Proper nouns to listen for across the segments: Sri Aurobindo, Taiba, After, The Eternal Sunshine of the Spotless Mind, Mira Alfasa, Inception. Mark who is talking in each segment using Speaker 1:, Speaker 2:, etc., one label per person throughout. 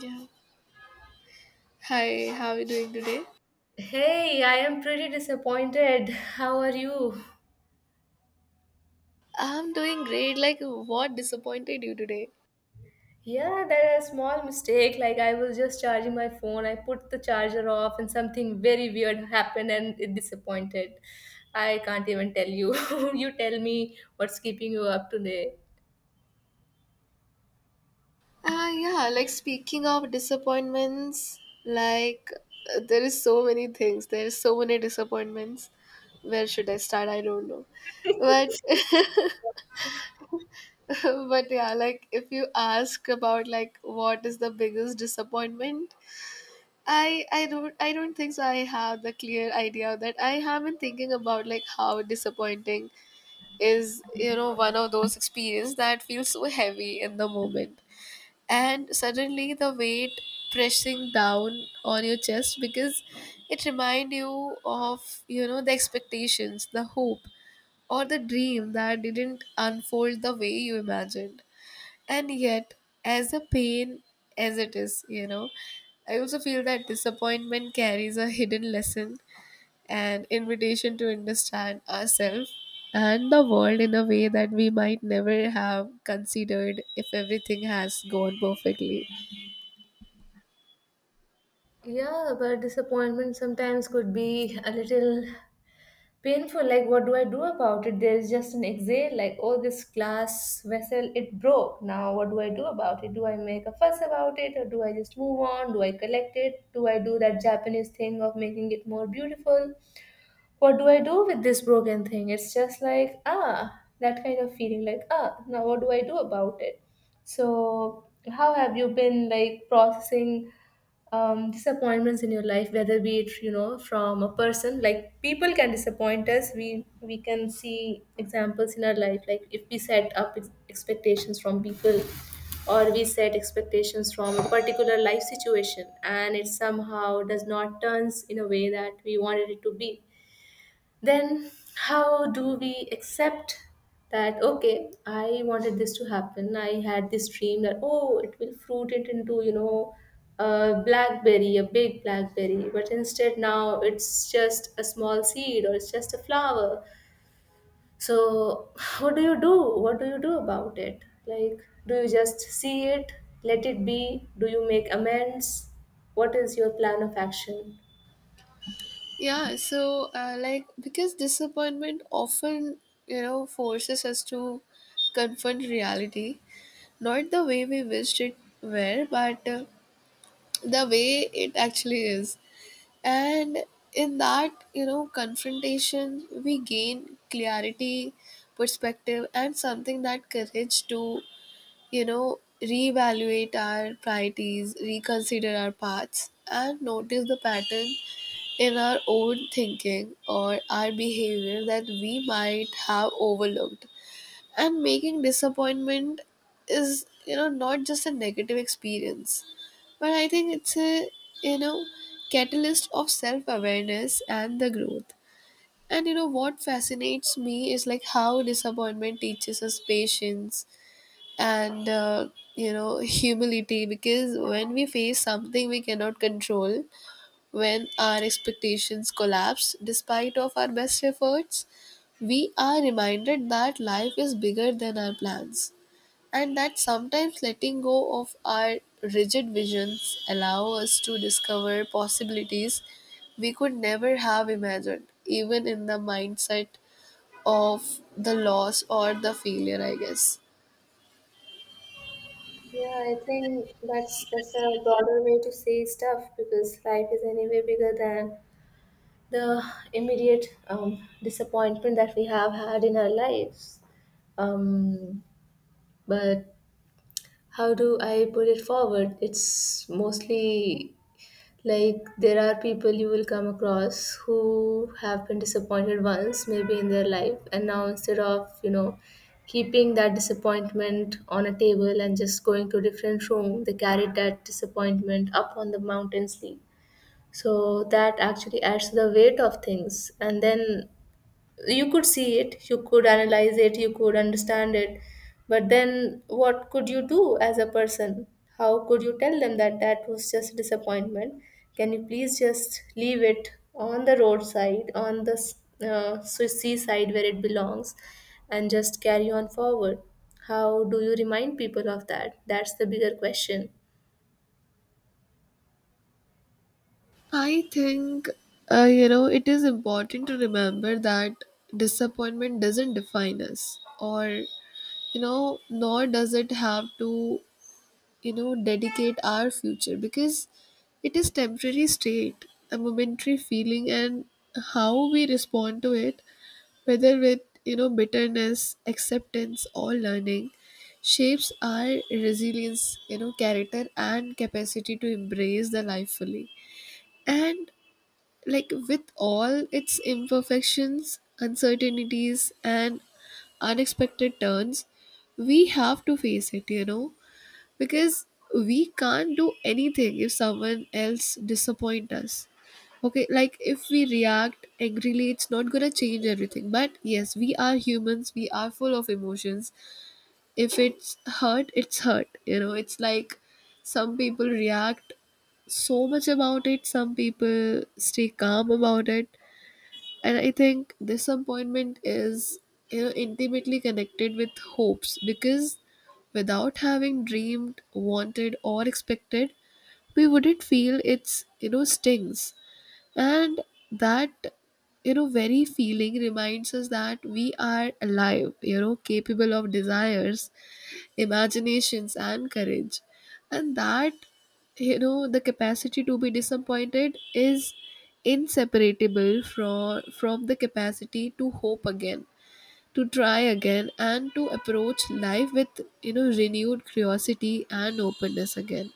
Speaker 1: Yeah. Hi, how are you doing today?
Speaker 2: Hey, I am pretty disappointed. How are you?
Speaker 1: I'm doing great. What disappointed you today?
Speaker 2: Yeah, there is a small mistake. Like I was just charging my phone. I put the charger off and something very weird happened and it disappointed. I can't even tell you. You tell me what's keeping you up today.
Speaker 1: Speaking of disappointments, there is so many things. There is so many disappointments. Where should I start? I don't know. But, but if you ask about what is the biggest disappointment, I don't think so. I have the clear idea of that I have been thinking about how disappointing is, one of those experiences that feels so heavy in the moment, and suddenly the weight pressing down on your chest, because it remind you of, the expectations, the hope, or the dream that didn't unfold the way you imagined. And yet, as a pain as it is, I also feel that disappointment carries a hidden lesson, an invitation to understand ourselves and the world in a way that we might never have considered if everything has gone perfectly.
Speaker 2: Yeah, but disappointment sometimes could be a little painful. Like what do I do about it? There is just an exhale like, oh, this glass vessel, it broke. Now what do I do about it? Do I make a fuss about it or do I just move on? Do I collect it? Do I do that Japanese thing of making it more beautiful? What do I do with this broken thing? It's just like, ah, that kind of feeling, like, ah, now what do I do about it? So how have you been like processing disappointments in your life, whether be it, you know, from a person? Like people can disappoint us. We can see examples in our life, like if we set up expectations from people, or we set expectations from a particular life situation, and it somehow does not turns in a way that we wanted it to be, then how do we accept that? Okay, I wanted this to happen. I had this dream that, oh, it will fruit it into, you know, a blackberry, a big blackberry, but instead now it's just a small seed or it's just a flower. So what do you do? What do you do about it? Like, do you just see it, let it be? Do you make amends? What is your plan of action?
Speaker 1: Because disappointment often, forces us to confront reality, not the way we wished it were, but the way it actually is. And in that, confrontation, we gain clarity, perspective, and something that courage to, reevaluate our priorities, reconsider our paths, and notice the pattern in our own thinking or our behavior that we might have overlooked. And making disappointment is, not just a negative experience, but I think it's a, you know catalyst of self awareness and the growth. And you know what fascinates me is how disappointment teaches us patience and humility, because when we face something we cannot control, when our expectations collapse despite of our best efforts, we are reminded that life is bigger than our plans, and that sometimes letting go of our rigid visions allow us to discover possibilities we could never have imagined, even in the mindset of the loss or the failure, I guess.
Speaker 2: Yeah, I think that's a broader way to see stuff because life is anyway bigger than the immediate disappointment that we have had in our lives. Um, but how do I put it forward? It's mostly like there are people you will come across who have been disappointed once, maybe in their life, and now instead of, you know, keeping that disappointment on a table and just going to a different room, they carried that disappointment up on the mountain sleep. So that actually adds to the weight of things. And then you could see it, you could analyze it, you could understand it, but then what could you do as a person? How could you tell them that that was just disappointment? Can you please just leave it on the roadside, on the seaside where it belongs, and just carry on forward? How do you remind people of that? That's the bigger question.
Speaker 1: I think it is important to remember that disappointment doesn't define us, or nor does it have to, dedicate our future, because it is temporary state, a momentary feeling, and how we respond to it, whether with, bitterness, acceptance, or learning, shapes our resilience, character, and capacity to embrace the life fully, and with all its imperfections, uncertainties, and unexpected turns. We have to face it, because we can't do anything if someone else disappoint us. Okay, if we react angrily, it's not gonna change everything, but yes, we are humans, we are full of emotions. If it's hurt, it's hurt, it's like some people react so much about it, some people stay calm about it. And I think disappointment is, intimately connected with hopes, because without having dreamed, wanted, or expected, we wouldn't feel its, stings. And that, very feeling reminds us that we are alive, capable of desires, imaginations, and courage. And that, the capacity to be disappointed is inseparable from the capacity to hope again, to try again, and to approach life with, renewed curiosity and openness again.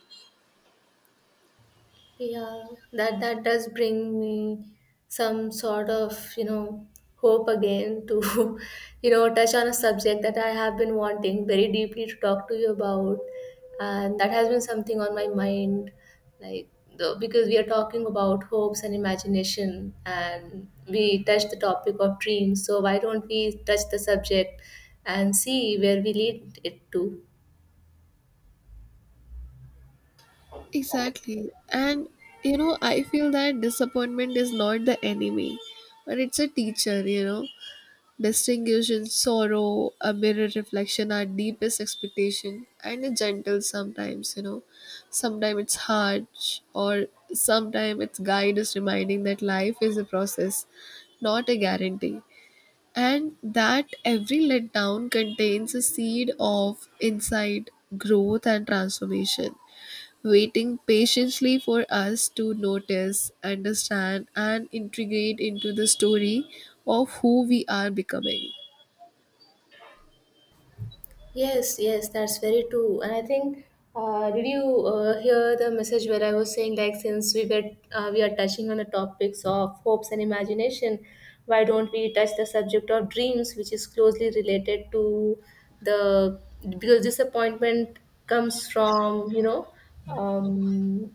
Speaker 2: Yeah, that that does bring me some sort of, you know, hope again to, you know, touch on a subject that I have been wanting very deeply to talk to you about, and that has been something on my mind, like the because we are talking about hopes and imagination, and we touched the topic of dreams. So why don't we touch the subject and see where we lead it to?
Speaker 1: Exactly. And, I feel that disappointment is not the enemy, but it's a teacher, distinguished in sorrow, a mirror reflection, our deepest expectation, and a gentle sometimes. Sometimes it's harsh, or sometimes its guide is reminding that life is a process, not a guarantee. And that every letdown contains a seed of insight, growth, and transformation, waiting patiently for us to notice, understand, and integrate into the story of who we are becoming.
Speaker 2: Yes, yes, that's very true. And I think, did you hear the message where I was saying, like, since we were we are touching on the topics of hopes and imagination, why don't we touch the subject of dreams, which is closely related to the because disappointment comes from, you know, um,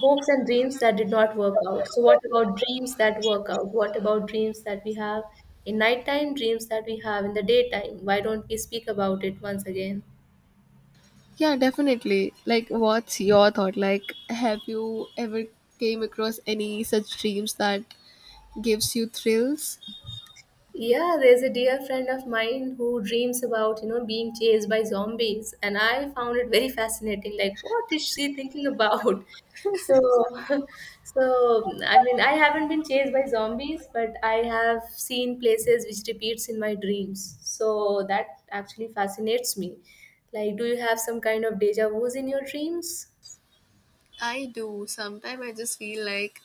Speaker 2: hopes and dreams that did not work out. So, what about dreams that work out? What about dreams that we have in nighttime, dreams that we have in the daytime? Why don't we speak about it once again?
Speaker 1: Yeah, definitely. What's your thought? Have you ever came across any such dreams that gives you thrills?
Speaker 2: Yeah, there's a dear friend of mine who dreams about, you know, being chased by zombies, and I found it very fascinating. Like, what is she thinking about? So, so I mean, I haven't been chased by zombies, but I have seen places which repeats in my dreams. So that actually fascinates me. Like, do you have some kind of deja vu's in your dreams?
Speaker 1: I do. Sometimes I just feel like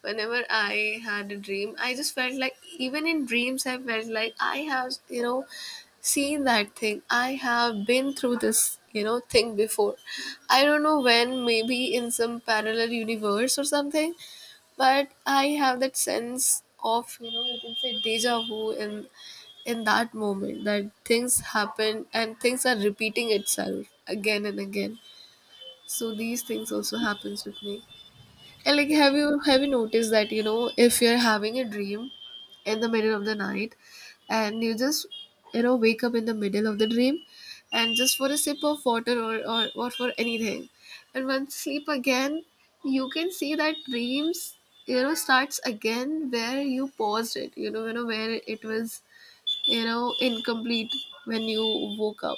Speaker 1: whenever I had a dream, I just felt like even in dreams I felt like I have, seen that thing. I have been through this thing before. I don't know when, maybe in some parallel universe or something. But I have that sense of, you can say deja vu in that moment, that things happen and things are repeating itself again and again. So these things also happens with me. And have you noticed that, if you're having a dream in the middle of the night, and you just, wake up in the middle of the dream and just for a sip of water, or for anything, and once sleep again, you can see that dreams, starts again where you paused it, you know where it was, incomplete when you woke up.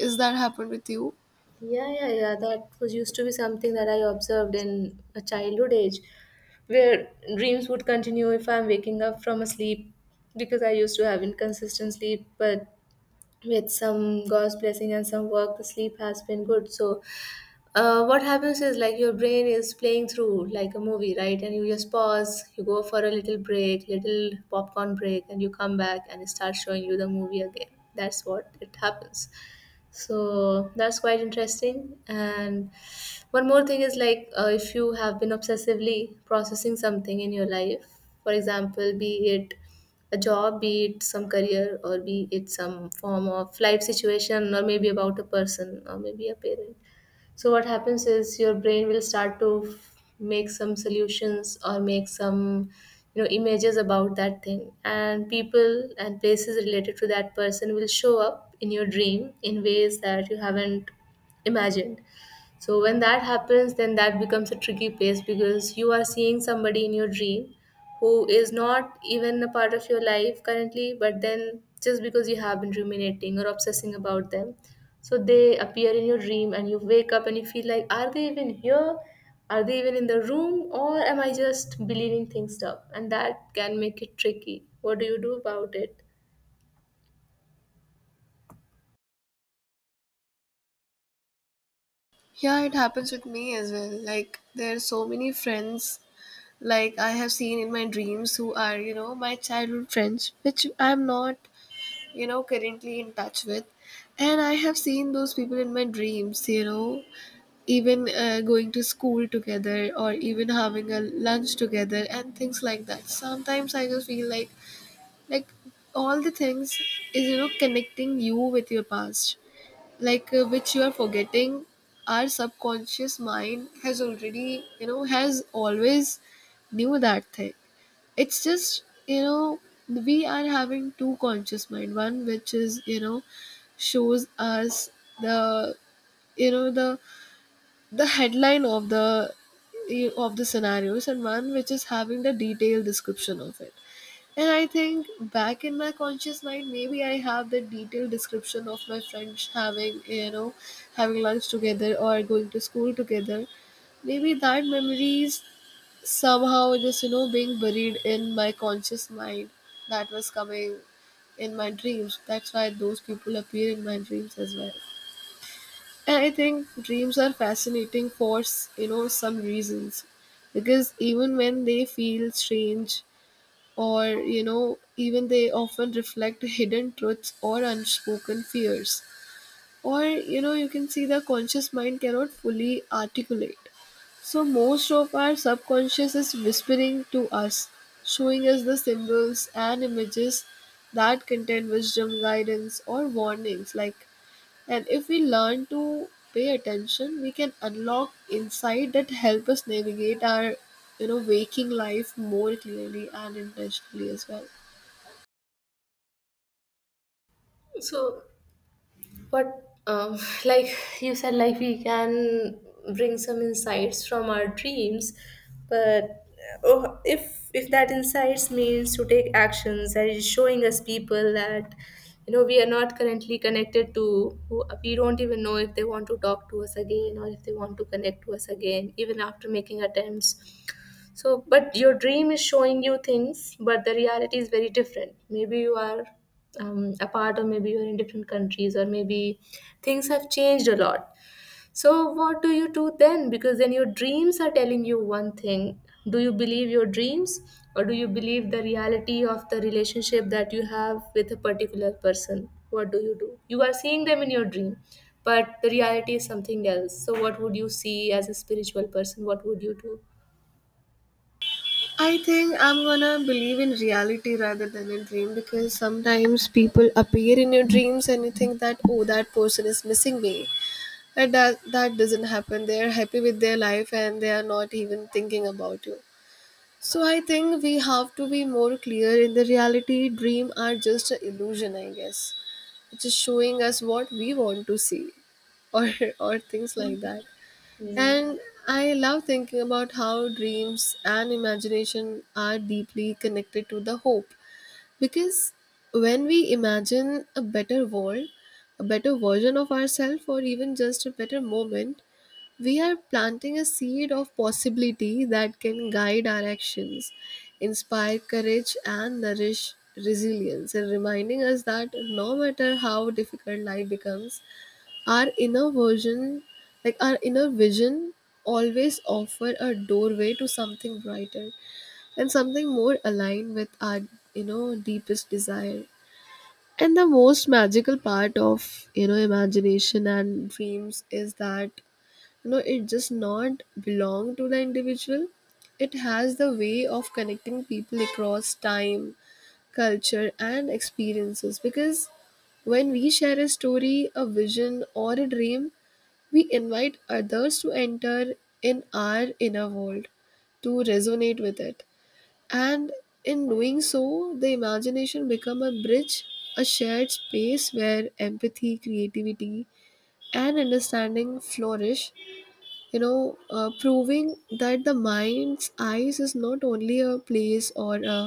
Speaker 1: Is that happened with you?
Speaker 2: Yeah, yeah, yeah. That was used to be something that I observed in a childhood age, where dreams would continue if I'm waking up from a sleep because I used to have inconsistent sleep, but with some God's blessing and some work, the sleep has been good. So, what happens is, like, your brain is playing through like a movie, right? And you just pause, you go for a little break, little popcorn break, and you come back and it starts showing you the movie again. That's what it happens. So that's quite interesting. And one more thing is like, if you have been obsessively processing something in your life, for example, be it a job, be it some career, or be it some form of life situation, or maybe about a person or maybe a parent, so what happens is your brain will start to make some solutions or make some, you know, images about that thing, and people and places related to that person will show up in your dream in ways that you haven't imagined. So when that happens, then that becomes a tricky place because you are seeing somebody in your dream who is not even a part of your life currently, but then just because you have been ruminating or obsessing about them, so they appear in your dream and you wake up and you feel like, are they even here? Are they even in the room? Or am I just believing things up? And that can make it tricky. What do you do about it?
Speaker 1: Yeah, it happens with me as well. There are so many friends, I have seen in my dreams, who are, my childhood friends, which I'm not, currently in touch with. And I have seen those people in my dreams, even going to school together, or even having a lunch together, and things like that. Sometimes I just feel like, all the things is, connecting you with your past, which you are forgetting. Our subconscious mind has already you know has always knew that thing. It's just, we are having two conscious mind, one which is, shows us the the headline of the, of the scenarios, and one which is having the detailed description of it. And I think back in my conscious mind, maybe I have the detailed description of my friends having, having lunch together or going to school together. Maybe that memory is somehow just, being buried in my conscious mind, that was coming in my dreams. That's why those people appear in my dreams as well. And I think dreams are fascinating for, some reasons. Because even when they feel strange, or even they often reflect hidden truths or unspoken fears, or you can see the conscious mind cannot fully articulate. So most of our subconscious is whispering to us, showing us the symbols and images that contain wisdom, guidance, or warnings, like, and if we learn to pay attention, we can unlock insight that help us navigate our, waking life more clearly and intentionally as well.
Speaker 2: So, but um, like you said, like we can bring some insights from our dreams, but, oh, if that insights means to take actions that is showing us people that, you know, we are not currently connected to, who we don't even know if they want to talk to us again or if they want to connect to us again, even after making attempts. So, but your dream is showing you things, but the reality is very different. Maybe you are apart, or maybe you are in different countries, or maybe things have changed a lot. So, what do you do then? Because then your dreams are telling you one thing. Do you believe your dreams, or do you believe the reality of the relationship that you have with a particular person? What do? You are seeing them in your dream, but the reality is something else. So, what would you see as a spiritual person? What would you do?
Speaker 1: I think I'm gonna believe in reality rather than a dream, because sometimes people appear in your dreams and you think that, oh, that person is missing me. And that doesn't happen. They are happy with their life and they are not even thinking about you. So I think we have to be more clear in the reality. Dream are just an illusion, I guess. Just showing us what we want to see, or or things like that.
Speaker 2: Mm.
Speaker 1: And I love thinking about how dreams and imagination are deeply connected to the hope, because when we imagine a better world, a better version of ourselves, or even just a better moment, we are planting a seed of possibility that can guide our actions, inspire courage, and nourish resilience, and reminding us that no matter how difficult life becomes, our inner version, like our inner vision, always offer a doorway to something brighter and something more aligned with our, deepest desire. And the most magical part of, imagination and dreams is that no, it just not belong to the individual. It has the way of connecting people across time, culture, and experiences, because when we share a story, a vision, or a dream, we invite others to enter in our inner world, to resonate with it. And in doing so, the imagination become a bridge, a shared space where empathy, creativity, and understanding flourish. Proving that the mind's eyes is not only a place or a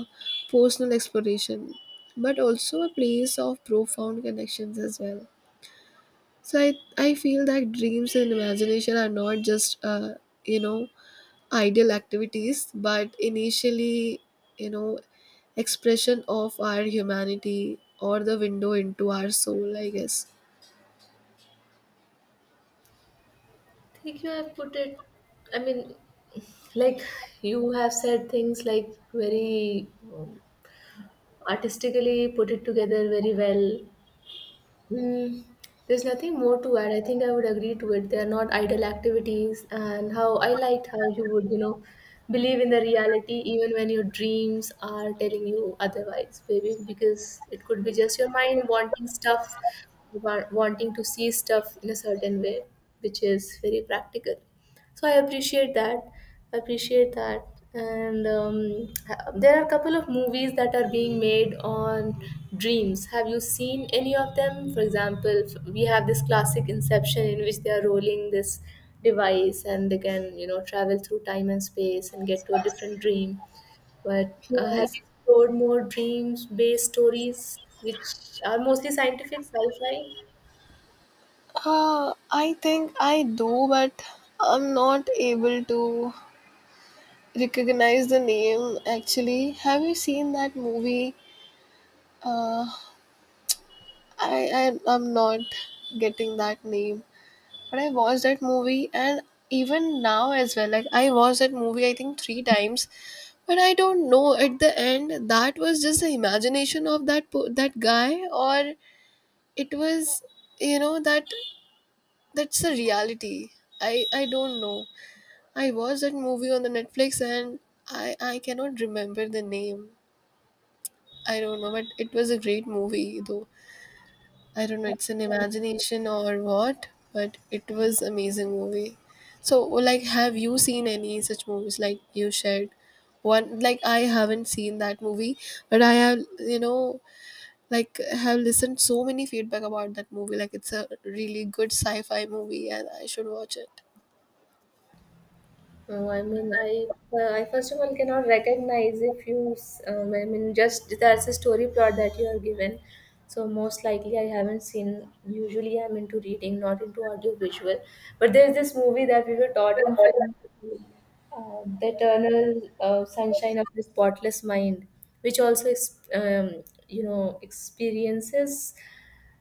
Speaker 1: personal exploration, but also a place of profound connections as well. So I feel that dreams and imagination are not just, you know, ideal activities, but initially, you know, expression of our humanity or the window into our soul, I guess.
Speaker 2: Think you have put it, I mean, like, you have said things like very um, artistically put it together very well. Mm, there's nothing more to add. I think I would agree to it. They are not idle activities, and how I liked how you would, you know, believe in the reality even when your dreams are telling you otherwise, baby. Because it could be just your mind wanting stuff, wanting to see stuff in a certain way, which is very practical. So I appreciate that. I appreciate that. And there are a couple of movies that are being made on dreams. Have you seen any of them? For example, we have this classic Inception in which they are rolling this device and they can, you know, travel through time and space and get to a different dream. But have
Speaker 1: Yes.
Speaker 2: you explored more dreams-based stories, which are mostly scientific sci-fi?
Speaker 1: I think I do, but I'm not able to recognize the name actually. Have you seen that movie? Uh, I'm not getting that name, but I watched that movie, and even now as well. Like I watched that movie I think three times, but I don't know at the end that was just the imagination of that guy, or it was, you know that that's the reality. I don't know. I watched that movie on the Netflix, and I cannot remember the name. I don't know, but it was a great movie though. I don't know, it's an imagination or what, but it was amazing movie. So, like, have you seen any such movies like you shared? One, like, I haven't seen that movie, but I have, you know, like, have listened so many feedback about that movie. Like, it's a really good sci-fi movie and I should watch it.
Speaker 2: No, I mean, I first of all cannot recognize if you, I mean, just that's a story plot that you are given. So most likely I haven't seen, usually I'm into reading, not into audio visual. But there's this movie that we were taught in film, The Eternal Sunshine of the Spotless Mind, which also, you know, experiences,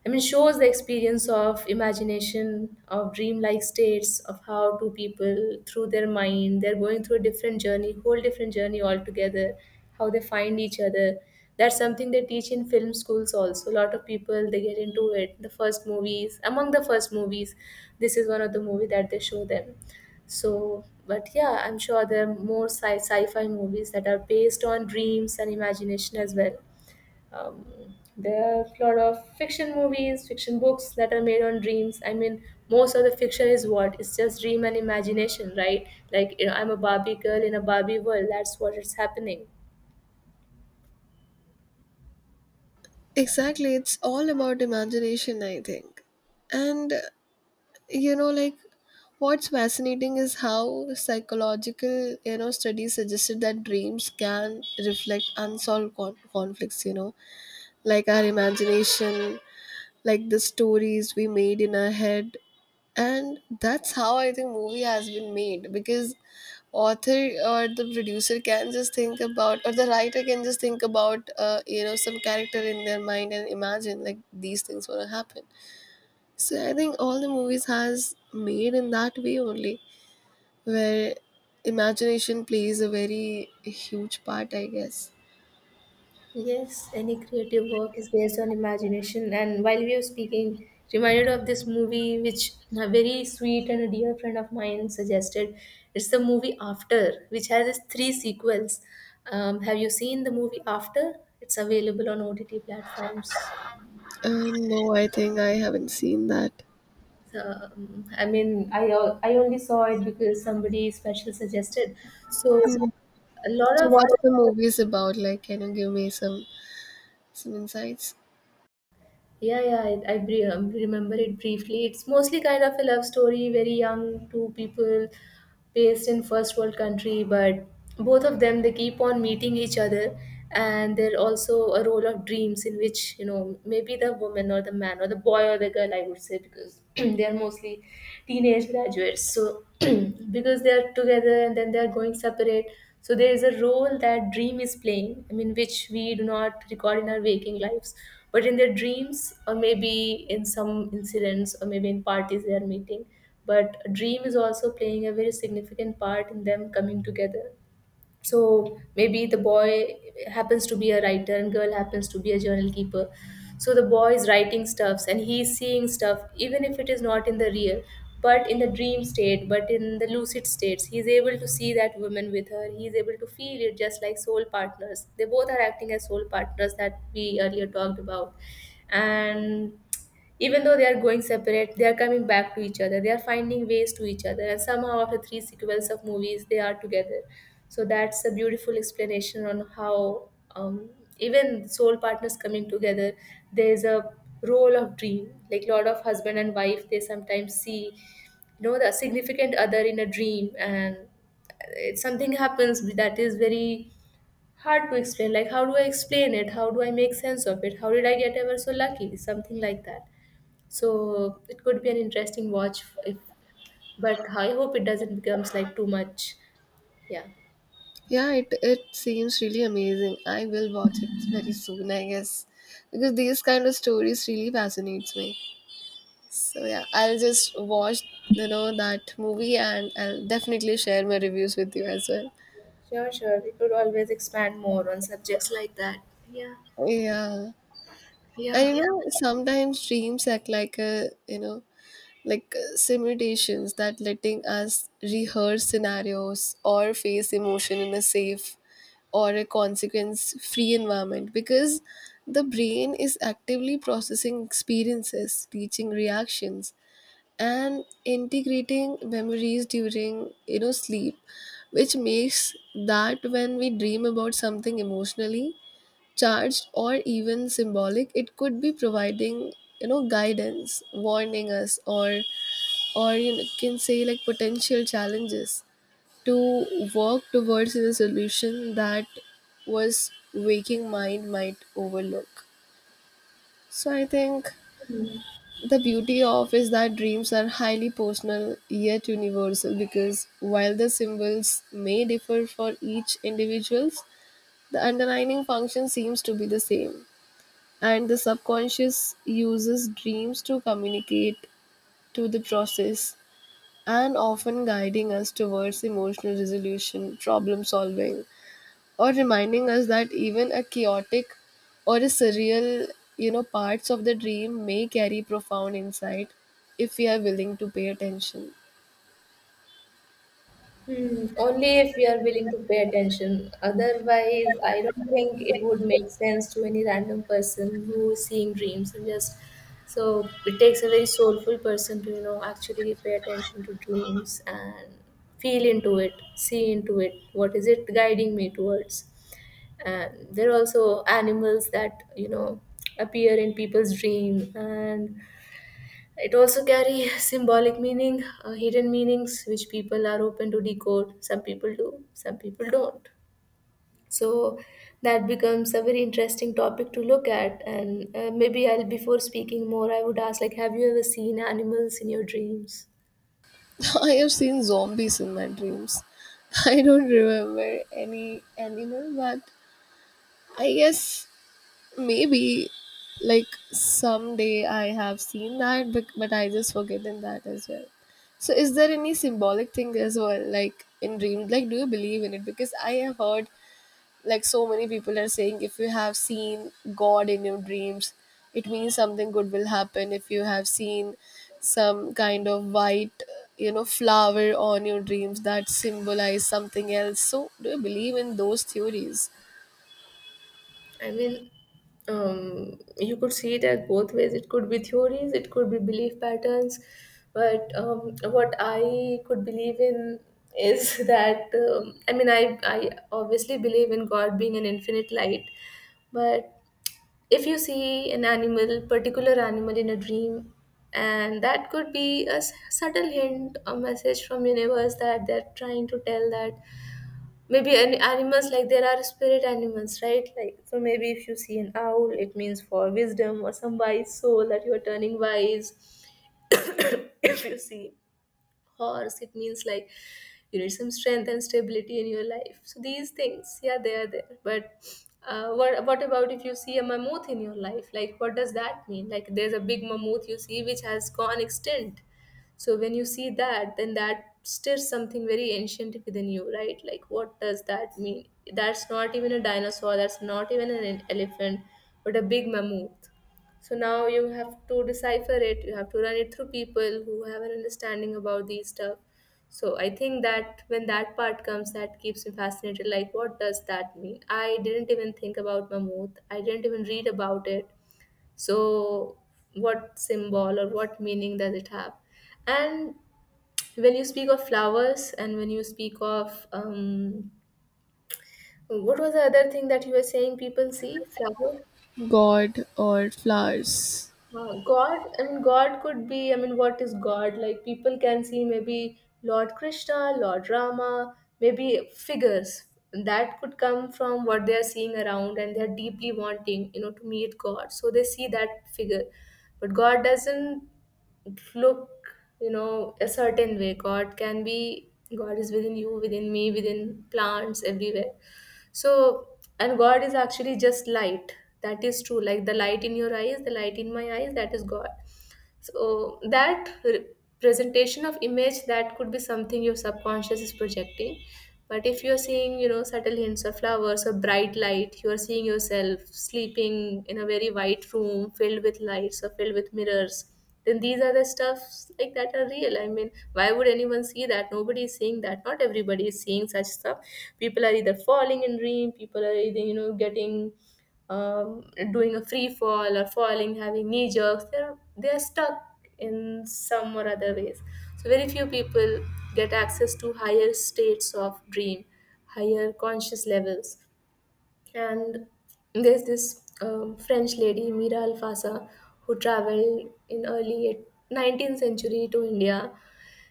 Speaker 2: I mean, shows the experience of imagination, of dreamlike states, of how two people, through their mind, they're going through a different journey, whole different journey altogether, how they find each other. That's something they teach in film schools also. A lot of people they get into it. The first movies, among the first movies, this is one of the movie that they show them. So, but yeah, I'm sure there are more sci-fi movies that are based on dreams and imagination as well. Um, there are a lot of fiction movies, fiction books that are made on dreams. I mean, most of the fiction is what? It's just dream and imagination, right? Like, you know, I'm a Barbie girl in a Barbie world. That's what is happening.
Speaker 1: Exactly, it's all about imagination, I think. And you know, like, what's fascinating is how psychological, you know, studies suggested that dreams can reflect conflicts, you know, like our imagination, like the stories we made in our head. And that's how I think movie has been made because author or the producer can just think about or the writer can just think about you know, some character in their mind and imagine like these things gonna happen. So I think all the movies has made in that way only, where imagination plays a very huge part, I guess.
Speaker 2: Yes, any creative work is based on imagination. And while we were speaking, reminded of this movie which a very sweet and a dear friend of mine suggested. It's the movie After, which has its three sequels. Have you seen the movie After? It's available on OTT platforms.
Speaker 1: um, no, I think I haven't seen that.
Speaker 2: I only saw it because somebody special suggested. So,
Speaker 1: so,
Speaker 2: a lot
Speaker 1: so
Speaker 2: of
Speaker 1: what's the movies about? Like, can you give me some insights?
Speaker 2: I remember it briefly. It's mostly kind of a love story, very young, two people based in first world country, but both of them they keep on meeting each other, and they're also a role of dreams in which you know maybe the woman or the man or the boy or the girl I would say because they are mostly teenage graduates. So because they are together and then they are going separate, so there is a role that dream is playing which we do not record in our waking lives but in their dreams or maybe in some incidents or maybe in parties they are meeting but a dream is also playing a very significant part in them coming together. So maybe the boy happens to be a writer and girl happens to be a journal keeper. So the boy is writing stuffs and he's seeing stuff even if it is not in the real but in the dream state, but in the lucid states he's able to see that woman with her. He's able to feel it just like soul partners. They both are acting as soul partners that we earlier talked about. And even though they are going separate, they are coming back to each other. They are finding ways to each other, and somehow after three sequels of movies they are together. So that's a beautiful explanation on how, um, even soul partners coming together, there's a role of dream. Like lot of husband and wife, they sometimes see the significant other in a dream, and it, something happens that is very hard to explain. Like how do I explain it? How do I make sense of it? How did I get ever so lucky? Something like that. So it could be an interesting watch if, but I hope it doesn't becomes like too much. Yeah.
Speaker 1: Yeah, it seems really amazing. I will watch it very soon, I guess. Because these kind of stories really fascinates me. So yeah, I'll just watch, you know, that movie and I'll definitely share my reviews with you as well.
Speaker 2: Sure, sure. We could always expand more on subjects like that. Yeah,
Speaker 1: Yeah.
Speaker 2: yeah.
Speaker 1: And you know, sometimes dreams act like a, you know, like simulations that letting us rehearse scenarios or face emotion in a safe or a consequence free environment, because the brain is actively processing experiences, teaching reactions, and integrating memories during, you know, sleep, which makes that when we dream about something emotionally charged or even symbolic, it could be providing, you know, guidance, warning us, or you can say like potential challenges to work towards the solution that was waking mind might overlook. So I think the beauty of is that dreams are highly personal yet universal, because while the symbols may differ for each individuals, the underlying function seems to be the same. And the subconscious uses dreams to communicate, to the process, and often guiding us towards emotional resolution, problem solving, or reminding us that even a chaotic or a surreal, you know, parts of the dream may carry profound insight if we are willing to pay attention.
Speaker 2: Hmm. Only if we are willing to pay attention. Otherwise, I don't think it would make sense to any random person who is seeing dreams and just. So it takes a very soulful person to, you know, actually pay attention to dreams and feel into it, see into it. What is it guiding me towards? And there are also animals that, you know, appear in people's dream, and it also carry symbolic meaning, hidden meanings which people are open to decode. Some people do, some people don't. So that becomes a very interesting topic to look at. And maybe I'll before speaking more, I would ask like, have you ever seen animals in your dreams?
Speaker 1: I have seen zombies in my dreams. I don't remember any animal, but I guess maybe, like, someday I have seen that, but I just forgotten that as well. So, is there any symbolic thing as well, like in dreams? Like, do you believe in it? Because I have heard like so many people are saying if you have seen God in your dreams, it means something good will happen. If you have seen some kind of white, you know, flower on your dreams that symbolize something else. So, do you believe in those theories,
Speaker 2: I mean, you could see it at both ways. It could be theories, it could be belief patterns. But what I could believe in is that I mean, I obviously believe in God being an infinite light. But if you see an animal, particular animal in a dream, and that could be a subtle hint, a message from universe that they're trying to tell that maybe any animals like there are spirit animals, right? Like so maybe if you see an owl, it means for wisdom or some wise soul that you are turning wise. If you see horse, it means like you need some strength and stability in your life. So these things, yeah, they are there. But what about if you see a mammoth in your life, like what does that mean? Like there's a big mammoth you see which has gone extinct. So when you see that, then that stirs something very ancient within you, right? Like what does that mean? That's not even a dinosaur, that's not even an elephant, but a big mammoth. So now you have to decipher it. You have to run it through people who have an understanding about these stuff. So I think that when that part comes, that keeps me fascinated. Like, what does that mean? I didn't even think about Mammoth. I didn't even read about it. So what symbol or what meaning does it have? And when you speak of flowers and when you speak of, what was the other thing that you were saying people see? Flowers?
Speaker 1: God or flowers?
Speaker 2: God, I mean, God could be, I mean, what is God? Like, people can see maybe Lord Krishna, Lord Rama, maybe figures that could come from what they are seeing around, and they're deeply wanting, you know, to meet God. So they see that figure. But God doesn't look, you know, a certain way. God can be, God is within you, within me, within plants, everywhere. So, and god is actually just light. That is true. Like the light in your eyes, the light in my eyes, that is god. So that presentation of image, that could be something your subconscious is projecting. But if you're seeing, you know, subtle hints of flowers or bright light, you are seeing yourself sleeping in a very white room filled with lights or filled with mirrors. Then these are the stuffs like that are real. I mean, why would anyone see that? Nobody is seeing that. Not everybody is seeing such stuff. People are either falling in dream. People are either you know getting, um, doing a free fall or falling, having knee jerks, they're stuck in some or other ways. So very few people get access to higher states of dream, higher conscious levels. And there's this french lady Mira Alfasa who traveled in early 19th century to India.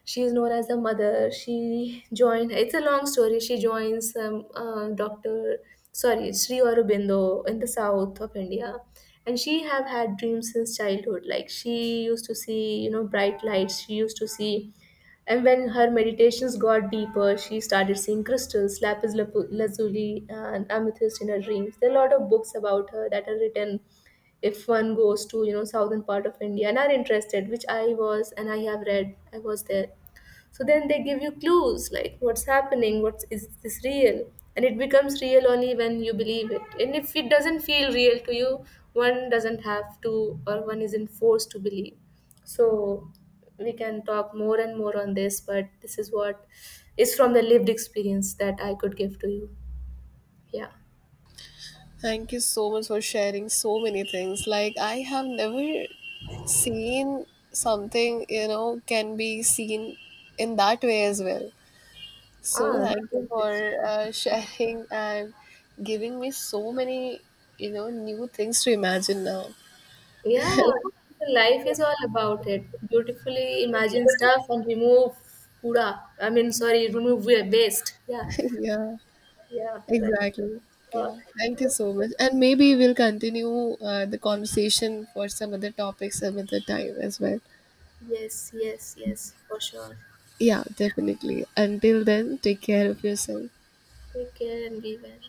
Speaker 2: She is known as the mother. She joined, it's a long story, she joins, dr sorry Sri Aurobindo in the south of India. And she have had dreams since childhood. Like she used to see, you know, bright lights, she used to see. And when her meditations got deeper, she started seeing crystals, lapis lazuli, and amethyst in her dreams. There are a lot of books about her that are written. If one goes to, you know, southern part of India and are interested, which I was, and I have read, I was there. So then they give you clues like what's happening, what's, is this real? And it becomes real only when you believe it. And if it doesn't feel real to you, one doesn't have to, or one isn't forced to believe. So we can talk more and more on this, but this is what is from the lived experience that I could give to you. Yeah.
Speaker 1: Thank you so much for sharing so many things. Like, I have never seen something, you know, can be seen in that way as well. So
Speaker 2: Ah,
Speaker 1: thank you for
Speaker 2: that's-
Speaker 1: sharing and giving me so many, you know, new things to imagine now.
Speaker 2: yeah, life is all about it. Beautifully imagine stuff and remove kura. I mean, sorry, remove waste. Yeah.
Speaker 1: Yeah,
Speaker 2: Yeah, but
Speaker 1: exactly.
Speaker 2: fuck.
Speaker 1: Yeah, thank you so much. And maybe we'll continue the conversation for some other topics some other time as well.
Speaker 2: Yes, yes, yes, for sure. Yeah.
Speaker 1: Yeah, definitely. Until then, take care of yourself.
Speaker 2: Take care and be well.